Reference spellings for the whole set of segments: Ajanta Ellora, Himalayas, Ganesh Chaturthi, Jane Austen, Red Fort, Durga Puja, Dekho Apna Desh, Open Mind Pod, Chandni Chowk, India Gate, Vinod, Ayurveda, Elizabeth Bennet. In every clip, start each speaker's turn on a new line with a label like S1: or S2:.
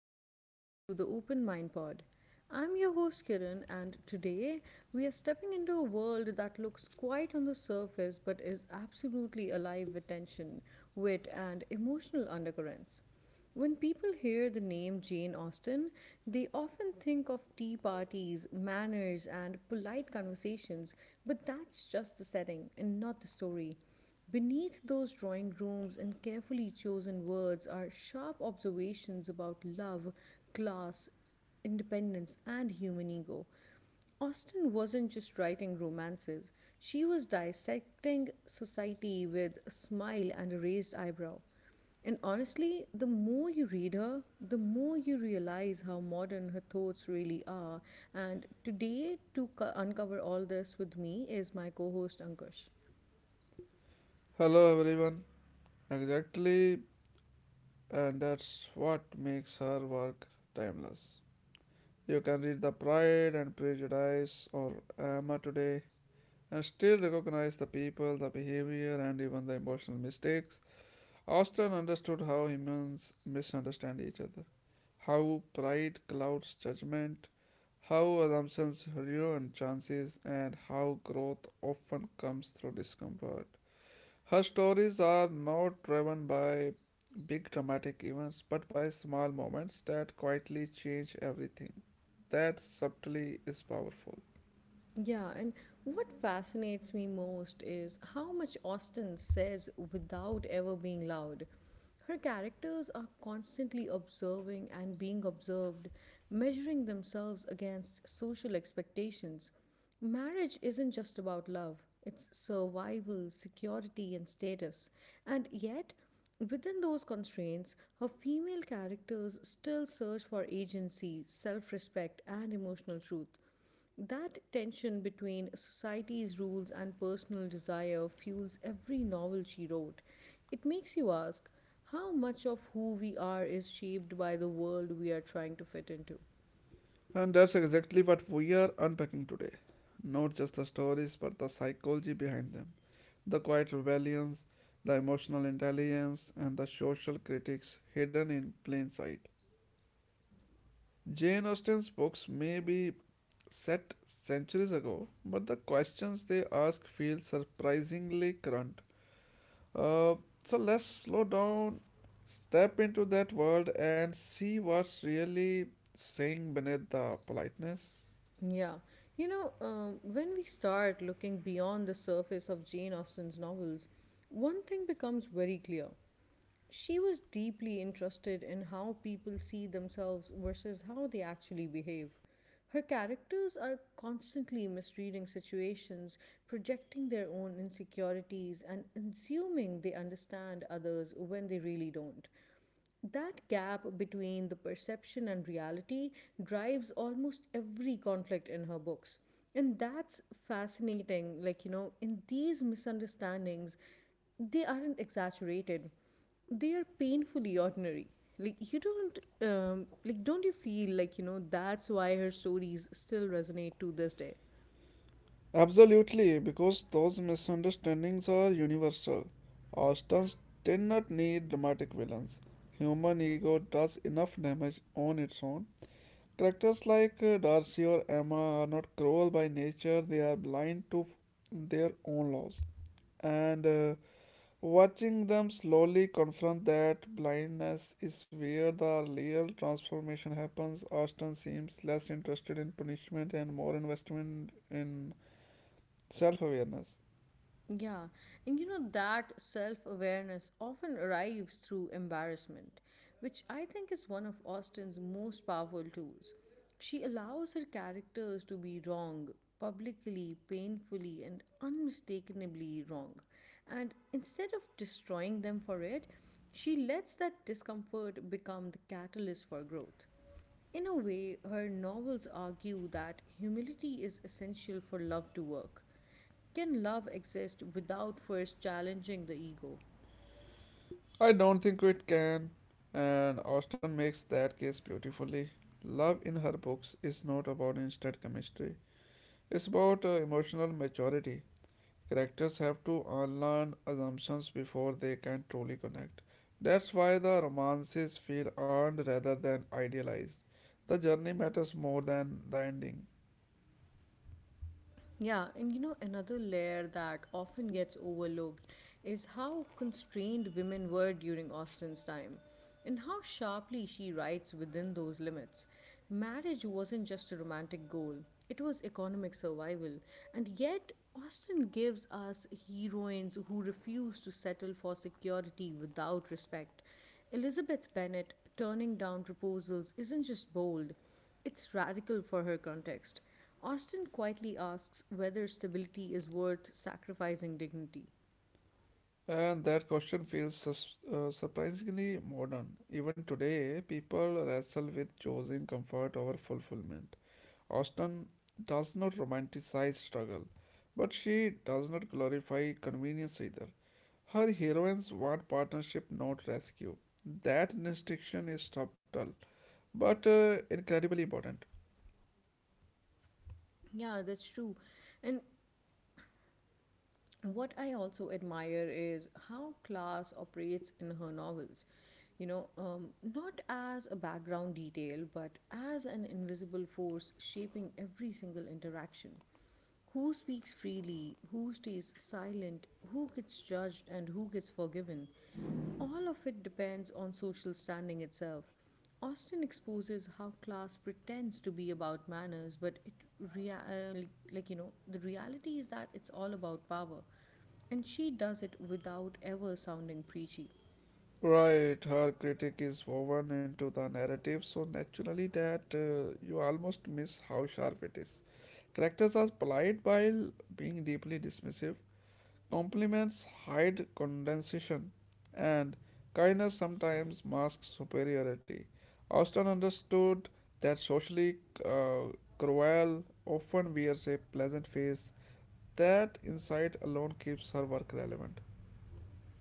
S1: welcome back to the Open Mind Pod. I'm your host Kiran, and today we are stepping into a world that looks quiet on the surface but is absolutely alive with tension, wit, and emotional undercurrents. When people hear the name Jane Austen, they often think of tea parties, manners, and polite conversations, but that's just the setting and not the story. Beneath those drawing rooms and carefully chosen words are sharp observations about love, class, independence, and human ego. Austen wasn't just writing romances, she was dissecting society with a smile and a raised eyebrow. And honestly, the more you read her, the more you realize how modern her thoughts really are. And today, to uncover all this with me, is my co host Ankush.
S2: Hello everyone. Exactly, and that's what makes her work timeless. You can read The Pride and Prejudice or Emma today and still recognize the people, the behavior, and even the emotional mistakes. Austen understood how humans misunderstand each other, how pride clouds judgment, how assumptions ruin chances, and how growth often comes through discomfort. Her stories are not driven by big dramatic events but by small moments that quietly change everything. That subtly is powerful.
S1: Yeah, and what fascinates me most is how much Austen says without ever being loud. Her characters are constantly observing and being observed, measuring themselves against social expectations. Marriage isn't just about love, it's survival, security, and status. And yet, within those constraints, her female characters still search for agency, self respect, and emotional truth. That tension between society's rules and personal desire fuels every novel she wrote. It makes you ask how much of who we are is shaped by the world we are trying to fit into.
S2: And that's exactly what we are unpacking today. Not just the stories but the psychology behind them, the quiet rebellions, the emotional intelligence, and the social critics hidden in plain sight. Jane Austen's books may be set centuries ago, but the questions they ask feel surprisingly current. Uh, so let's slow down, step into that world, and see what's really saying beneath the politeness.
S1: Yeah, when we start looking beyond the surface of Jane Austen's novels, one thing becomes very clear. She was deeply interested in how people see themselves versus how they actually behave. Her characters are constantly misreading situations, projecting their own insecurities, and assuming they understand others when they really don't. That gap between the perception and reality drives almost every conflict in her books. And that's fascinating. Like, you know, in these misunderstandings, they aren't exaggerated, they are painfully ordinary. Like, you don't, like, don't you feel like, you know, that's why her stories still resonate to this day?
S2: Absolutely, because those misunderstandings are universal. Austins did not need dramatic villains. Human ego does enough damage on its own. Characters like Darcy or Emma are not cruel by nature, they are blind to their own laws. And watching them slowly confront that blindness is where the real transformation happens. Austin seems less interested in punishment and more investment in self awareness.
S1: Yeah, and you know that self awareness often arrives through embarrassment, which I think is one of Austen's most powerful tools. She allows her characters to be wrong, publicly, painfully, and unmistakably wrong. And instead of destroying them for it, she lets that discomfort become the catalyst for growth. In a way, her novels argue that humility is essential for love to work. Can love exist without first challenging the ego?
S2: I don't think it can, and Austin makes that case beautifully. Love in her books is not about instant chemistry, it's about emotional maturity. Characters have to unlearn assumptions before they can truly connect. That's why the romances feel earned rather than idealized. The journey matters more than the ending.
S1: Yeah, and you know, another layer that often gets overlooked is how constrained women were during Austen's time and how sharply she writes within those limits. Marriage wasn't just a romantic goal, it was economic survival, and yet Austen gives us heroines who refuse to settle for security without respect. Elizabeth Bennet turning down proposals isn't just bold, it's radical for her context. Austen quietly asks whether stability is worth sacrificing dignity.
S2: And that question feels surprisingly modern. Even today, people wrestle with choosing comfort over fulfillment. Austen does not romanticize struggle, but she does not glorify convenience either. Her heroines want partnership, not rescue. That distinction is subtle, but incredibly important.
S1: Yeah, that's true. And what I also admire is how class operates in her novels. Not as a background detail, but as an invisible force shaping every single interaction. Who speaks freely, who stays silent, who gets judged, and who gets forgiven. All of it depends on social standing itself. Austen exposes how class pretends to be about manners, but it rea- like, you know the reality is that it's all about power. And she does it without ever sounding preachy.
S2: Right, her critique is woven into the narrative, so naturally that you almost miss how sharp it is. Characters are polite while being deeply dismissive. Compliments hide condescension, and kindness sometimes masks superiority. Austin understood that socially uh, cruel often wears a pleasant face. That insight alone keeps her work relevant.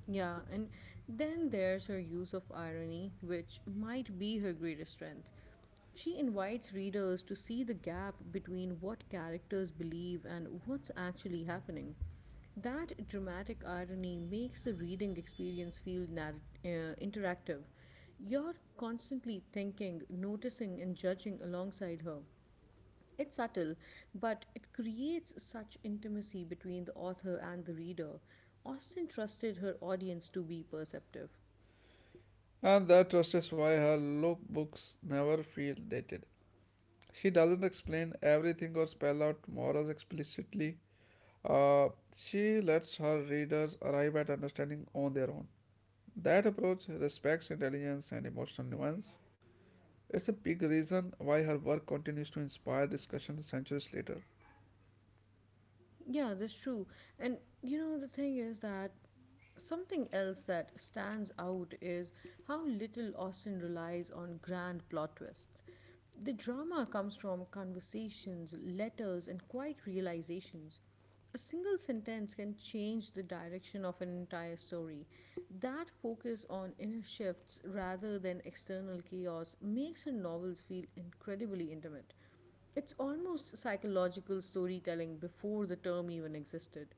S1: Yeah, and then there's her use of irony, which might be her greatest strength. She invites readers to see the gap between what characters believe and what's actually happening. That dramatic irony makes the reading experience feel interactive. You're constantly thinking, noticing, and judging alongside her. It's subtle, but it creates such intimacy between the author and the reader. Austen trusted her audience to be perceptive.
S2: And that trust is why her lookbooks never feel dated. She doesn't explain everything or spell out morals explicitly. Uh, she lets her readers arrive at understanding on their own. That approach respects intelligence and emotional nuance. It's a big reason why her work continues to inspire discussion centuries later.
S1: Yeah, that's true. And you know, the thing is that something else that stands out is how little Austen relies on grand plot twists. The drama comes from conversations, letters, and quiet realizations. A single sentence can change the direction of an entire story. That focus on inner shifts rather than external chaos makes her novels feel incredibly intimate. It's almost psychological storytelling before the term even existed.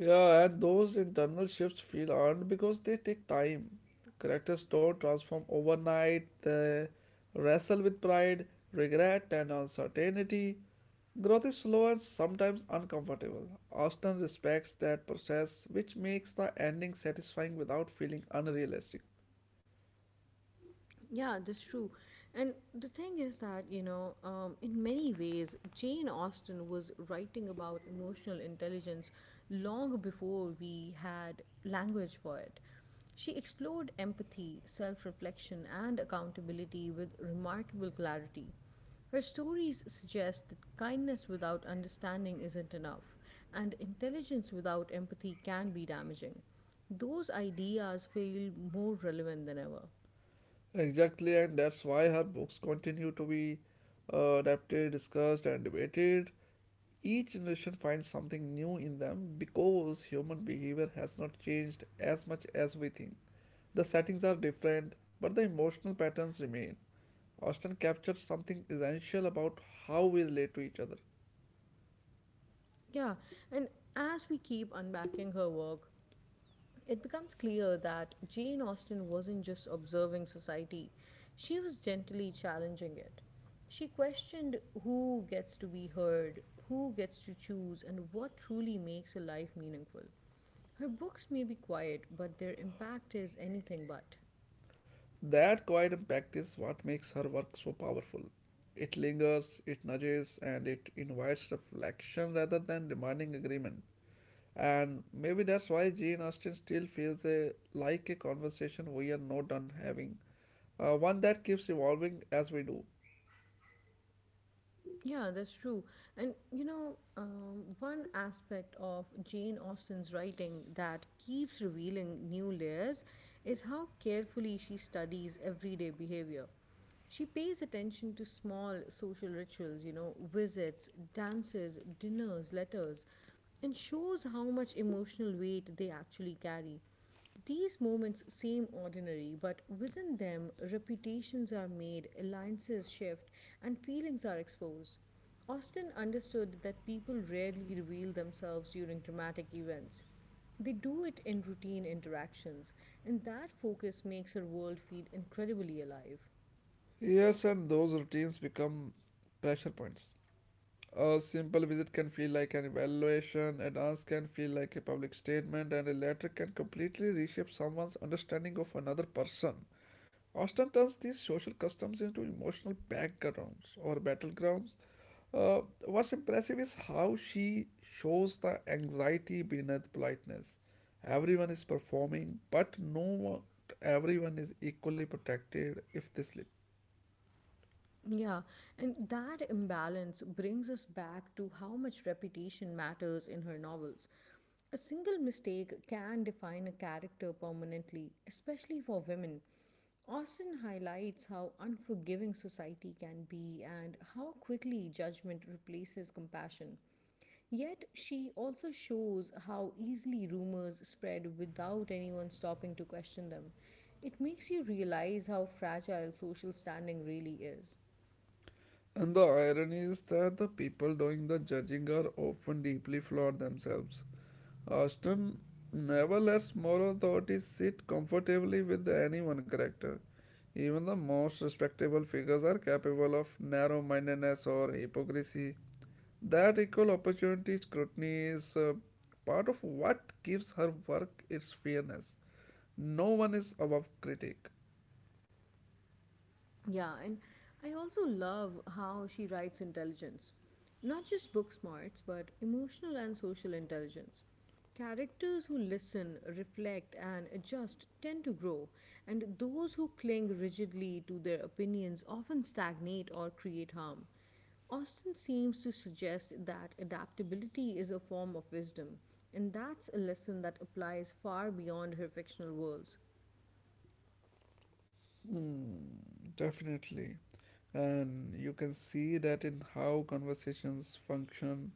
S2: Yeah, and those internal shifts feel earned because they take time. Characters don't transform overnight, they wrestle with pride, regret, and uncertainty. Growth is slow and sometimes uncomfortable. Austin respects that process, which makes the ending satisfying without feeling unrealistic.
S1: Yeah, that's true. And the thing is that, in many ways, Jane Austen was writing about emotional intelligence long before we had language for it. She explored empathy, self reflection, and accountability with remarkable clarity. Her stories suggest that kindness without understanding isn't enough, and intelligence without empathy can be damaging. Those ideas feel more relevant than ever.
S2: Exactly, and that's why her books continue to be adapted, discussed, and debated. Each generation finds something new in them because human behavior has not changed as much as we think. The settings are different, but the emotional patterns remain. Austen captures something essential about how we relate to each other.
S1: Yeah, and as we keep unpacking her work, it becomes clear that Jane Austen wasn't just observing society, she was gently challenging it. She questioned who gets to be heard, who gets to choose, and what truly makes a life meaningful. Her books may be quiet, but their impact is anything but.
S2: That quiet impact is what makes her work so powerful. It lingers, it nudges, and it invites reflection rather than demanding agreement. And maybe that's why Jane Austen still feels like a conversation we are not done having, one that keeps evolving as we do.
S1: Yeah, that's true. One aspect of Jane Austen's writing that keeps revealing new layers is how carefully she studies everyday behavior. She pays attention to small social rituals, you know, visits, dances, dinners, letters, and shows how much emotional weight they actually carry. These moments seem ordinary, but within them, reputations are made, alliances shift, and feelings are exposed. Austen understood that people rarely reveal themselves during dramatic events. They do it in routine interactions, and that focus makes her world feel incredibly alive.
S2: Yes, and those routines become pressure points. A simple visit can feel like an evaluation, a dance can feel like a public statement, and a letter can completely reshape someone's understanding of another person. Austen turns these social customs into emotional backgrounds or battlegrounds. What's impressive is how she shows the anxiety beneath politeness. Everyone is performing, but no one, everyone is equally protected if they slip.
S1: Yeah, and that imbalance brings us back to how much reputation matters in her novels. A single mistake can define a character permanently, especially for women. Austen highlights how unforgiving society can be and how quickly judgment replaces compassion. Yet, she also shows how easily rumors spread without anyone stopping to question them. It makes you realize how fragile social standing really is.
S2: And the irony is that the people doing the judging are often deeply flawed themselves. Austin never lets moral authorities sit comfortably with any one character. Even the most respectable figures are capable of narrow mindedness or hypocrisy. That equal opportunity scrutiny is part of what gives her work its fairness. No one is above critique.
S1: Yeah, and I also love how she writes intelligence. Not just book smarts, but emotional and social intelligence. Characters who listen, reflect, and adjust tend to grow, and those who cling rigidly to their opinions often stagnate or create harm. Austin seems to suggest that adaptability is a form of wisdom, and that's a lesson that applies far beyond her fictional worlds.
S2: Hmm, definitely. And you can see that in how conversations function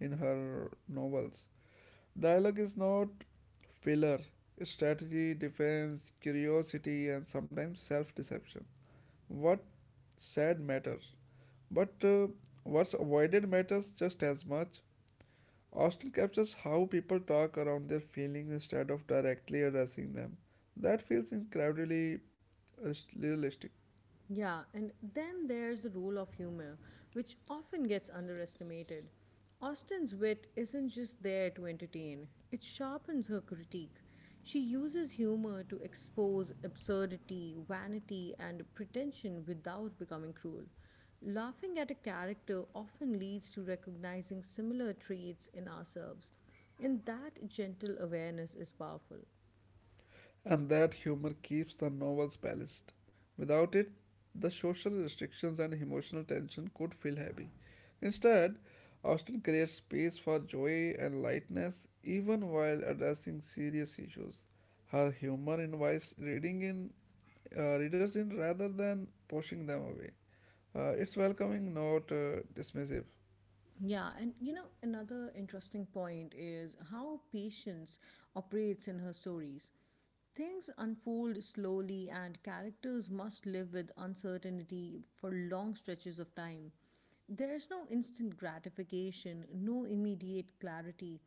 S2: in her novels. Dialogue is not filler, strategy, defense, curiosity, and sometimes self deception. What said matters, but what's avoided matters just as much. Hostel captures how people talk around their feelings instead of directly addressing them. That feels incredibly realistic,
S1: Yeah, and then there's the role of humor, which often gets underestimated. Austen's wit isn't just there to entertain, it sharpens her critique. She uses humor to expose absurdity, vanity, and pretension without becoming cruel. Laughing at a character often leads to recognizing similar traits in ourselves, and that gentle awareness is powerful.
S2: and that humor keeps the novels balanced. Without it, the social restrictions and emotional tension could feel heavy. Instead, Austin creates space for joy and lightness even while addressing serious issues. Her humor invites reading in readers in rather than pushing them away. Its welcoming, not dismissive.
S1: Yeah, and you know, another interesting point is how patience operates in her stories. Things unfold slowly, and characters must live with uncertainty for long stretches of time. There is no instant gratification, no immediate clarity.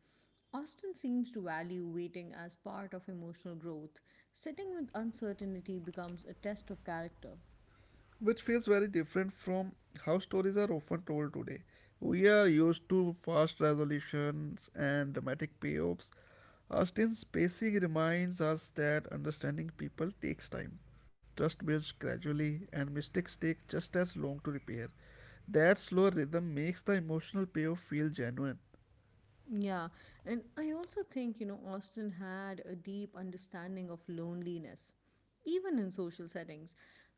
S1: Austin seems to value waiting as part of emotional growth. Sitting with uncertainty becomes a test of character.
S2: Which feels very different from how stories are often told today. We are used to fast resolutions and dramatic payoffs. Austin's spacing reminds us that understanding people takes time. Trust builds gradually, and mistakes take just as long to repair. That slow rhythm makes the emotional payoff feel genuine.
S1: Yeah, and I also think, you know, Austin had a deep understanding of loneliness, even in social settings.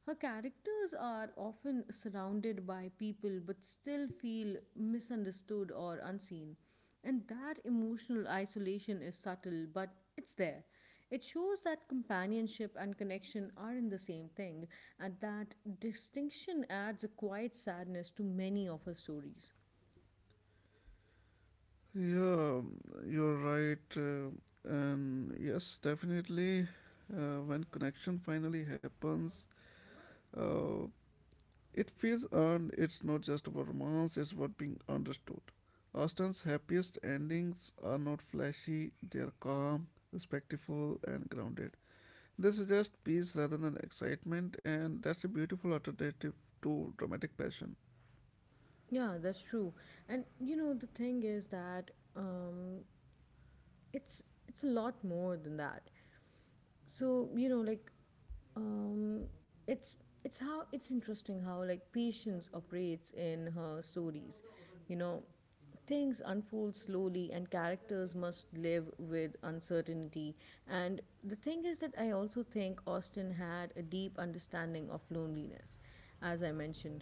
S1: Her characters are often surrounded by people but still feel misunderstood or unseen. And that emotional isolation is subtle, but it's there. It shows that companionship and connection aren't the same thing, and that distinction adds a quiet sadness to many of her stories.
S2: Yeah, you're right. And yes, definitely, when connection finally happens, uh, it feels earned, it's not just about romance, it's about being understood. Austen's happiest endings are not flashy, they are calm, respectful, and grounded. They suggest peace rather than excitement, and that's a beautiful alternative to dramatic passion.
S1: Yeah, that's true. And you know, the thing is that it's it's a lot more than that. So you know, like um, it's it's how it's interesting how like patience operates in her stories, you know, things unfold slowly and characters must live with uncertainty, and the thing is that I also think Austen had a deep understanding of loneliness, as I mentioned,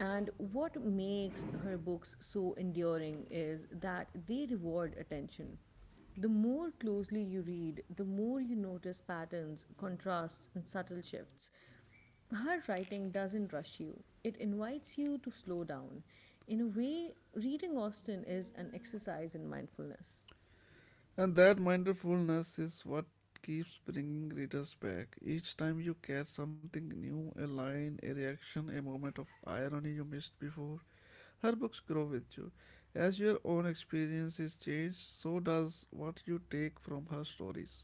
S1: and what makes her books so enduring is that they reward attention. The more closely you read, the more you notice patterns, contrasts, and subtle shifts. Her writing doesn't rush you, it invites you to slow down. In a way, reading Austen is an exercise in mindfulness.
S2: And that mindfulness is what keeps bringing readers back. Each time you catch something new, a line, a reaction, a moment of irony you missed before, her books grow with you. As your own experiences change, so does what you take from her stories.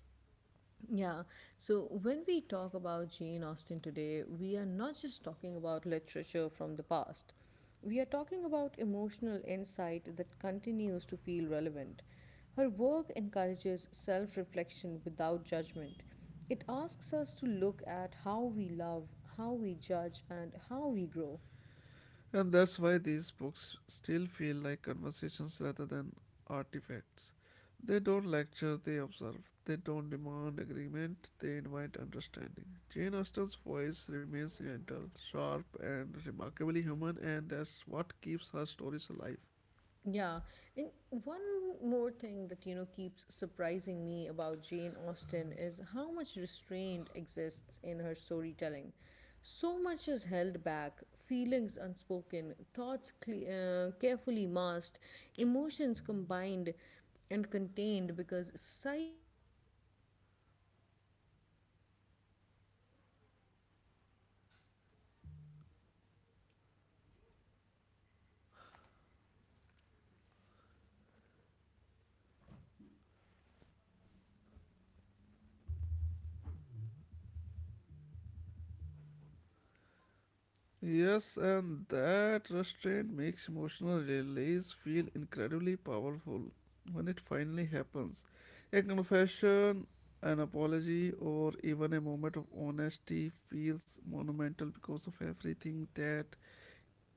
S1: Yeah, so when we talk about Jane Austen today, we are not just talking about literature from the past. We are talking about emotional insight that continues to feel relevant. Her work encourages self reflection without judgment. It asks us to look at how we love, how we judge, and how we grow.
S2: And that's why these books still feel like conversations rather than artifacts. They don't lecture, they observe. They don't demand agreement, they invite understanding. Jane Austen's voice remains gentle, sharp, and remarkably human, and that's what keeps her stories alive.
S1: Yeah. And one more thing that, you know, keeps surprising me about Jane Austen is how much restraint exists in her storytelling. So much is held back, feelings unspoken, thoughts carefully masked, emotions combined and contained because society demands composure. That restraint creates tension in a way that feels almost modern. You're constantly aware of what could be said but isn't, and that silence becomes just as meaningful as dialogue.
S2: Yes, and that restraint makes emotional release feel incredibly powerful when it finally happens. A confession, an apology, or even a moment of honesty feels monumental because of everything that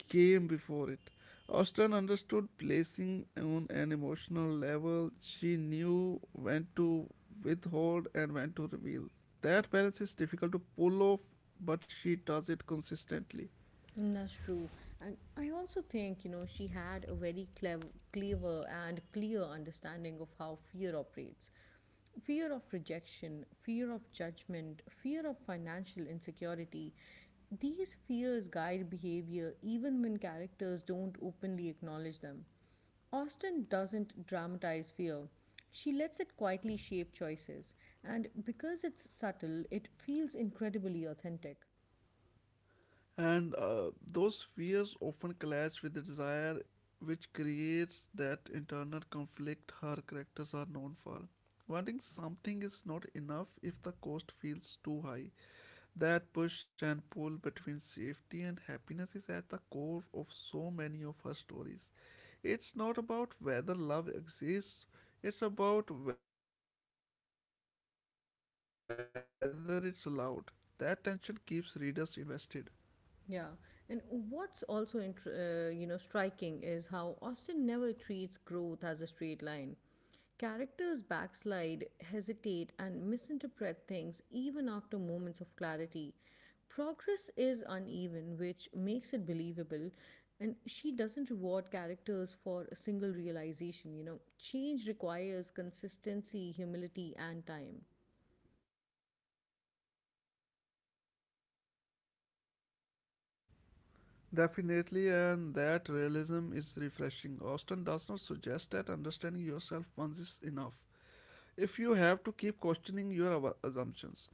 S2: came before it. Austin understood placing on an emotional level. She knew when to withhold and when to reveal. That balance is difficult to pull off, but she does it consistently.
S1: Mm, that's true. And I also think, you know, she had a clever and clear understanding of how fear operates. Fear of rejection, fear of judgment, fear of financial insecurity. These fears guide behavior even when characters don't openly acknowledge them. Austin doesn't dramatize fear. She lets it quietly shape choices, and because it's subtle, it feels incredibly authentic.
S2: And those fears often clash with the desire, which creates that internal conflict her characters are known for. Wanting something is not enough if the cost feels too high. That push and pull between safety and happiness is at the core of so many of her stories. It's not about whether love exists, it's about whether it's allowed. That tension keeps readers invested.
S1: Yeah, and what's also you know, striking is how Austin never treats growth as a straight line. Characters backslide, hesitate, and misinterpret things even after moments of clarity. Progress is uneven, which makes it believable, and she doesn't reward characters for a single realization. You know, change requires consistency, humility, and time.
S2: Definitely, and that realism is refreshing. Austin does not suggest that understanding yourself once is enough. If you have to keep questioning your assumptions,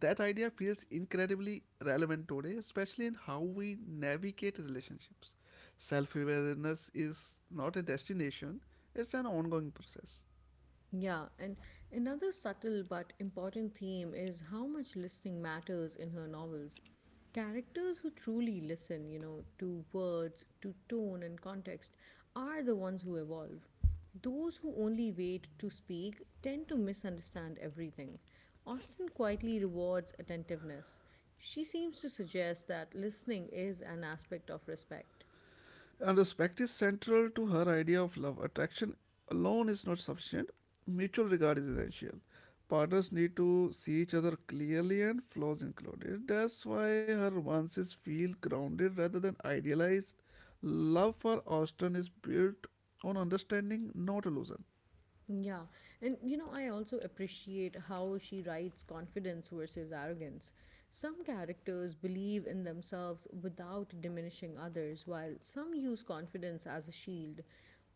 S2: that idea feels incredibly relevant today, especially in how we navigate relationships. Self awareness is not a destination, it's an ongoing process.
S1: Yeah, and another subtle but important theme is how much listening matters in her novels. Characters who truly listen, to words, to tone and context, are the ones who evolve. Those who only wait to speak tend to misunderstand everything. Austen quietly rewards attentiveness. She seems to suggest that listening is an aspect of respect.
S2: And respect is central to her idea of love. Attraction alone is not sufficient, mutual regard is essential. Partners need to see each other clearly and flaws included. That's why her romances feel grounded rather than idealized. Love for Austen is built on understanding, not illusion.
S1: Yeah. And I also appreciate how she writes confidence versus arrogance. Some characters believe in themselves without diminishing others, while some use confidence as a shield.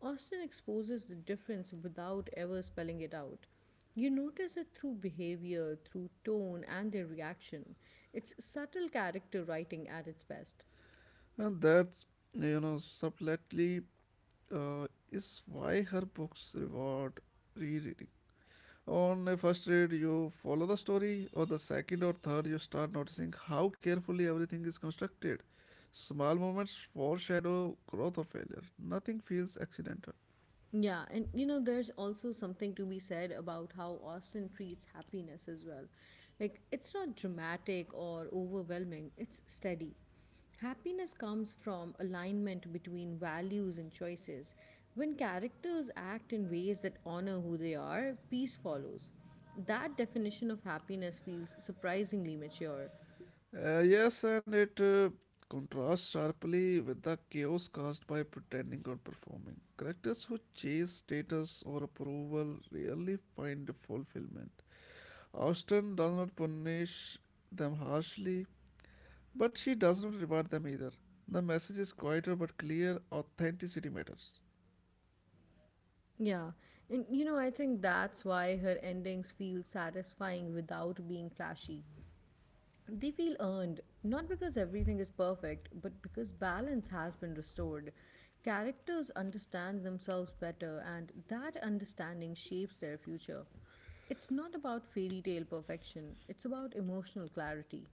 S1: Austin exposes the difference without ever spelling it out. You notice it through behavior, through tone, and their reaction. It's subtle character writing at its best.
S2: And that's, you know, subtly is why her books reward rereading. On a first read, you follow the story, or the second or third, you start noticing how carefully everything is constructed. Small moments foreshadow growth or failure. Nothing feels accidental.
S1: Yeah, and there's also something to be said about how Austin treats happiness as well. Like, it's not dramatic or overwhelming, it's steady. Happiness comes from alignment between values and choices. When characters act in ways that honor who they are, peace follows. That definition of happiness feels surprisingly mature.
S2: Yes, and it contrasts sharply with the chaos caused by pretending or performing. Characters who chase status or approval rarely find fulfillment. Austen does not punish them harshly, but she does not reward them either. The message is quieter but clear authenticity matters.
S1: Yeah, and I think that's why her endings feel satisfying without being flashy. They feel earned, not because everything is perfect, but because balance has been restored. Characters understand themselves better, and that understanding shapes their future. It's not about fairy tale perfection, it's about emotional clarity.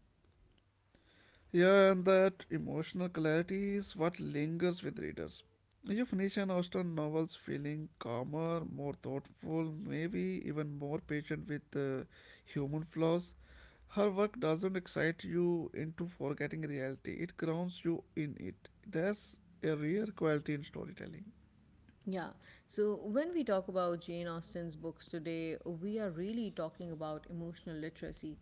S2: Yeah, and that emotional clarity is what lingers with readers. You finish an Austen novel, feeling calmer, more thoughtful, maybe even more patient with human flaws. Her work doesn't excite you into forgetting reality, it grounds you in it. That's a rare quality in storytelling.
S1: Yeah. So when we talk about Jane Austen's books today, we are really talking about emotional literacy,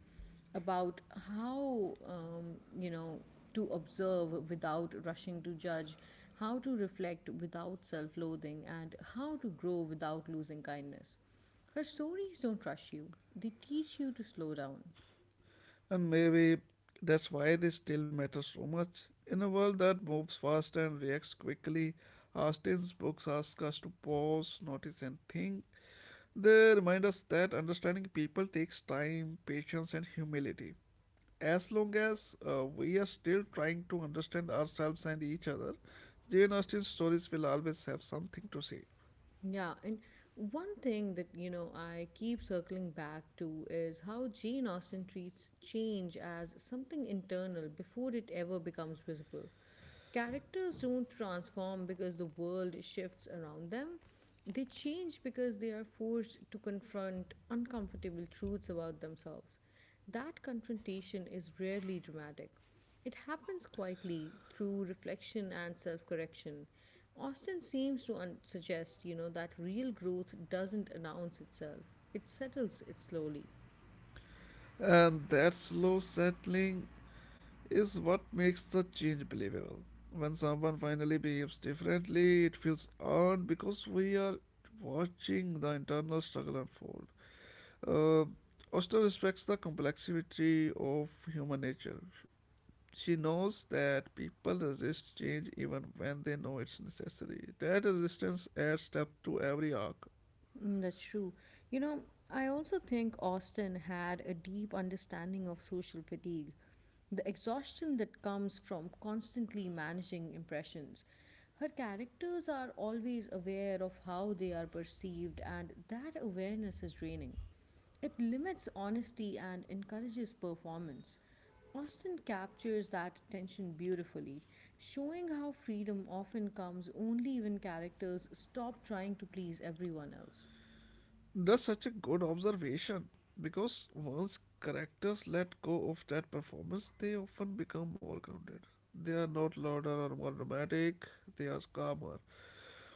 S1: about how to observe without rushing to judge, how to reflect without self loathing, and how to grow without losing kindness. Her stories don't rush you, they teach you to slow down.
S2: And maybe that's why they still matter so much. In a world that moves fast and reacts quickly, Austin's books ask us to pause, notice, and think. They remind us that understanding people takes time, patience, and humility. As long as we are still trying to understand ourselves and each other, Jane Austen's stories will always have something to say.
S1: Yeah, and one thing that I keep circling back to is how Jane Austen treats change as something internal before it ever becomes visible. Characters don't transform because the world shifts around them. They change because they are forced to confront uncomfortable truths about themselves. That confrontation is rarely dramatic. It happens quietly through reflection and self correction. Austin seems to suggest, that real growth doesn't announce itself. It settles it slowly.
S2: And that slow settling is what makes the change believable. When someone finally behaves differently, it feels earned because we are watching the internal struggle unfold. Uh, Oster respects the complexity of human nature. She knows that people resist change even when they know it's necessary. That resistance adds depth to every arc.
S1: Mm, that's true. You know, I also think Austin had a deep understanding of social fatigue, the exhaustion that comes from constantly managing impressions. Her characters are always aware of how they are perceived, and that awareness is draining. It limits honesty and encourages performance. Austen captures that tension beautifully, showing how freedom often comes only when characters stop trying to please everyone else.
S2: That's such a good observation because once characters let go of that performance, they often become more grounded. They are not louder or more dramatic, they are calmer.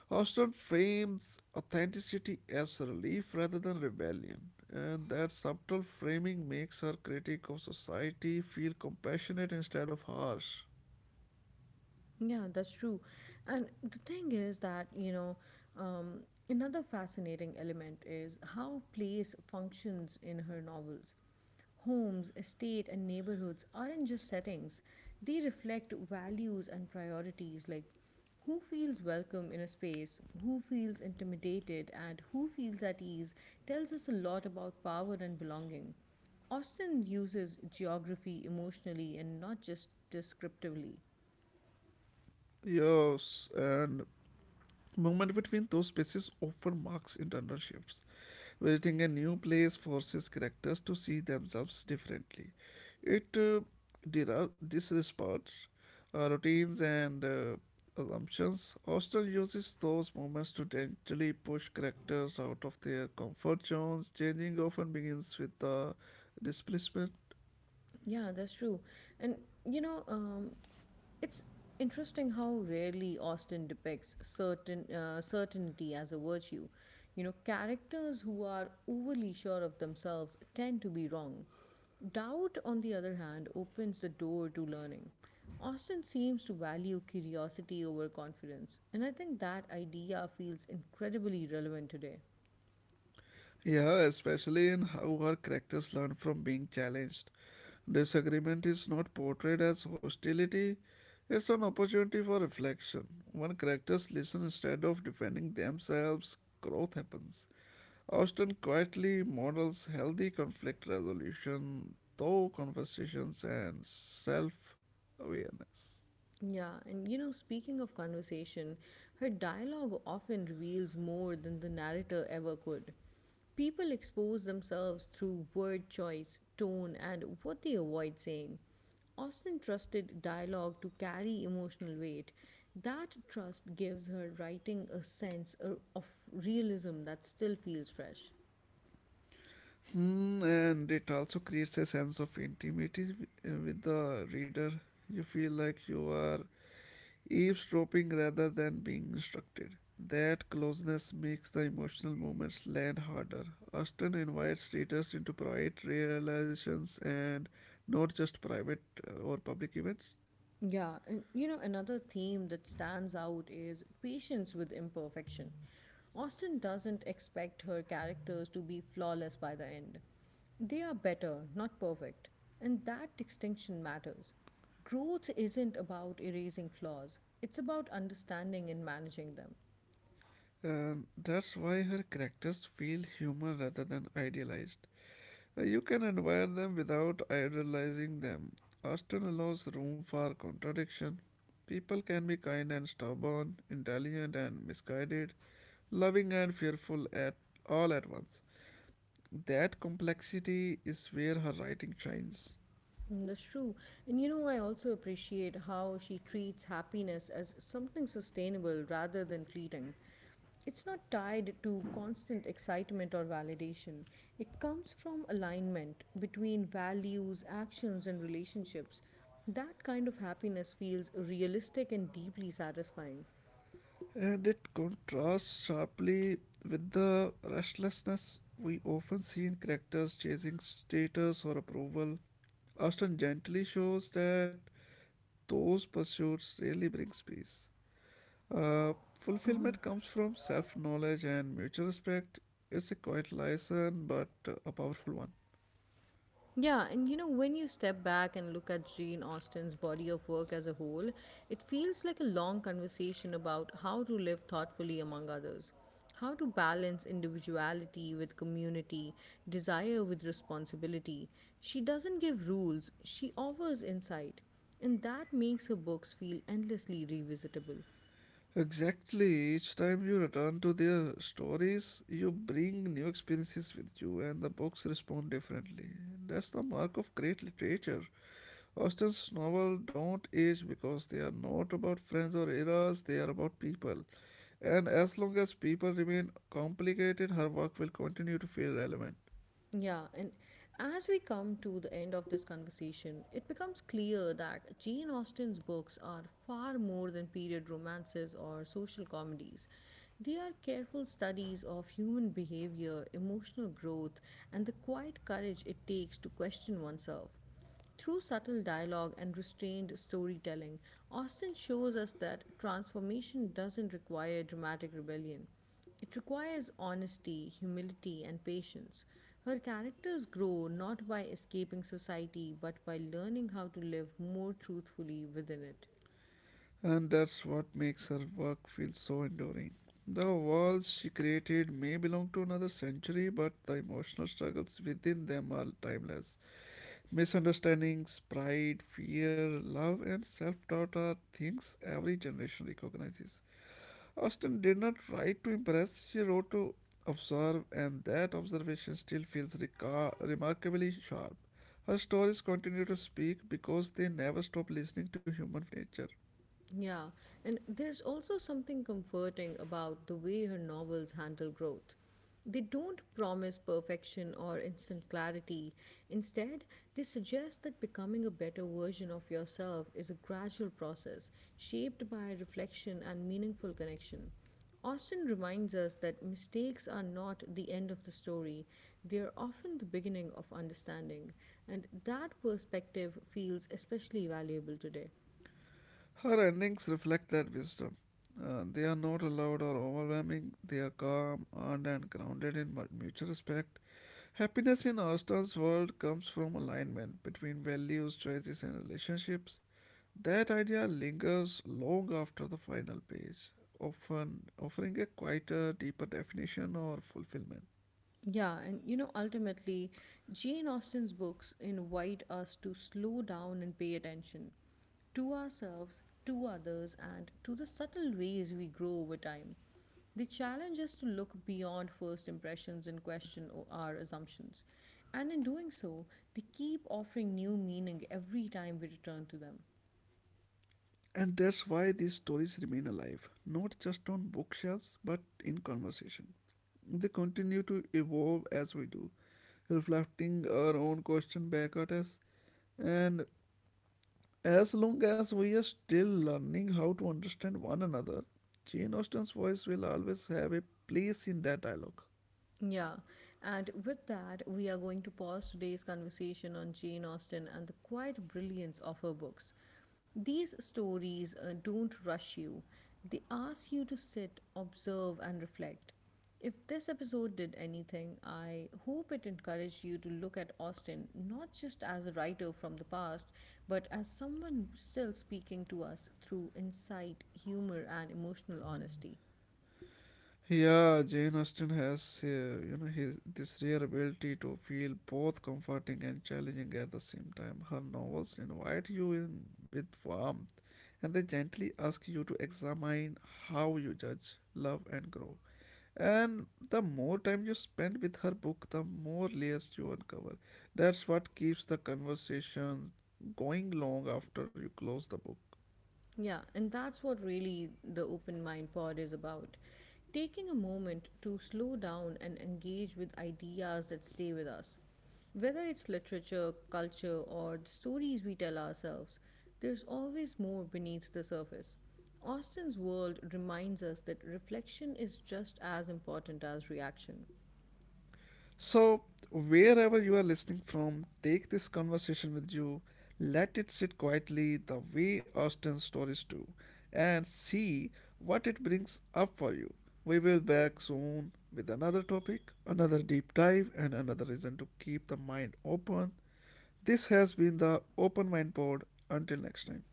S2: Houston frames authenticity as relief rather than rebellion, and that subtle framing makes her critique of society feel compassionate instead of harsh.
S1: Yeah, that's true. And the thing is that, um, another fascinating element is how place functions in her novels. Homes, estate, and neighborhoods aren't just settings, they reflect values and priorities like who feels welcome in a space, who feels intimidated, and who feels at ease tells us a lot about power and belonging. Austin uses geography emotionally and not just descriptively.
S2: Yes, and movement between those spaces often marks internal shifts. Visiting a new place forces characters to see themselves differently. It disregards routines and assumptions. Austin uses those moments to gently push characters out of their comfort zones. Changing often begins with the displacement.
S1: Yeah, that's true. And you know, um, It's interesting how rarely Austen depicts certainty as a virtue. You know, characters who are overly sure of themselves tend to be wrong. Doubt, on the other hand, opens the door to learning. Austen seems to value curiosity over confidence, and I think that idea feels incredibly relevant today.
S2: Yeah, especially in how her characters learn from being challenged. Disagreement is not portrayed as hostility, it's an opportunity for reflection. When characters listen instead of defending themselves, growth happens. Austen quietly models healthy conflict resolution through conversations and self awareness.
S1: Yeah, and speaking of conversation, her dialogue often reveals more than the narrator ever could. People expose themselves through word choice, tone, and what they avoid saying. Austen trusted dialogue to carry emotional weight. That trust gives her writing a sense of realism that still feels fresh.
S2: Hmm, and it also creates a sense of intimacy with the reader. You feel like you are eavesdropping rather than being instructed. That closeness makes the emotional moments land harder. Austin invites readers into private realizations and not just private or public events.
S1: Yeah, and another theme that stands out is patience with imperfection. Austen doesn't expect her characters to be flawless by the end. They are better, not perfect, and that distinction matters. Growth isn't about erasing flaws, it's about understanding and managing them.
S2: That's why her characters feel human rather than idealized. You can admire them without idolizing them. Austen allows room for contradiction. People can be kind and stubborn, intelligent and misguided, loving and fearful at all at once. That complexity is where her writing shines.
S1: Mm, that's true. And I also appreciate how she treats happiness as something sustainable rather than fleeting. It's not tied to constant excitement or validation. It comes from alignment between values, actions, and relationships. That kind of happiness feels realistic and deeply satisfying.
S2: And it contrasts sharply with the restlessness we often see in characters chasing status or approval. Austen gently shows that those pursuits rarely bring peace. Uh, Fulfillment comes from self knowledge and mutual respect. It's a quiet lesson, but a powerful one.
S1: Yeah, and when you step back and look at Jane Austen's body of work as a whole, it feels like a long conversation about how to live thoughtfully among others, how to balance individuality with community, desire with responsibility. She doesn't give rules, she offers insight, and that makes her books feel endlessly revisitable.
S2: Exactly, each time you return to their stories, you bring new experiences with you, and the books respond differently. That's the mark of great literature. Austen's novels don't age because they are not about friends or eras, they are about people. And as long as people remain complicated, her work will continue to feel relevant.
S1: Yeah, and as we come to the end of this conversation, it becomes clear that Jane Austen's books are far more than period romances or social comedies. They are careful studies of human behavior, emotional growth, and the quiet courage it takes to question oneself. Through subtle dialogue and restrained storytelling, Austen shows us that transformation doesn't require dramatic rebellion. It requires honesty, humility, and patience. Her characters grow not by escaping society but by learning how to live more truthfully within it.
S2: And that's what makes her work feel so enduring. The walls she created may belong to another century, but the emotional struggles within them are timeless. Misunderstandings, pride, fear, love, and self doubt are things every generation recognizes. Austen did not write to impress, she wrote to observe, and that observation still feels remarkably sharp. Her stories continue to speak because they never stop listening to human nature.
S1: Yeah, and there's also something comforting about the way her novels handle growth. They don't promise perfection or instant clarity. Instead, they suggest that becoming a better version of yourself is a gradual process shaped by reflection and meaningful connection. Austin reminds us that mistakes are not the end of the story, they are often the beginning of understanding, and that perspective feels especially valuable today.
S2: Her endings reflect that wisdom. They are not loud or overwhelming, they are calm, earned, and grounded in mutual respect. Happiness in Austin's world comes from alignment between values, choices, and relationships. That idea lingers long after the final page, often offering a quieter, deeper definition or fulfillment.
S1: Yeah, and ultimately, Jane Austen's books invite us to slow down and pay attention to ourselves, to others, and to the subtle ways we grow over time. They challenge us to look beyond first impressions and question our assumptions. And in doing so, they keep offering new meaning every time we return to them.
S2: And that's why these stories remain alive, not just on bookshelves but in conversation. They continue to evolve as we do, reflecting our own question back at us. And as long as we are still learning how to understand one another, Jane Austen's voice will always have a place in that dialogue.
S1: Yeah, and with that, we are going to pause today's conversation on Jane Austen and the quiet brilliance of her books. These stories don't rush you, they ask you to sit, observe, and reflect. If this episode did anything, I hope it encouraged you to look at Austen not just as a writer from the past, but as someone still speaking to us through insight, humor, and emotional honesty.
S2: Yeah, Jane Austen has his this rare ability to feel both comforting and challenging at the same time. Her novels invite you in with warmth, and they gently ask you to examine how you judge, love, and grow. And the more time you spend with her book, the more layers you uncover. That's what keeps the conversation going long after you close the book.
S1: Yeah, and that's what really the Open Mind Pod is about. Taking a moment to slow down and engage with ideas that stay with us. Whether it's literature, culture, or the stories we tell ourselves, there's always more beneath the surface. Austin's world reminds us that reflection is just as important as reaction.
S2: So, wherever you are listening from, take this conversation with you, let it sit quietly the way Austen's stories do, and see what it brings up for you. We will be back soon with another topic, another deep dive, and another reason to keep the mind open. This has been the Open Mind Pod. Until next time.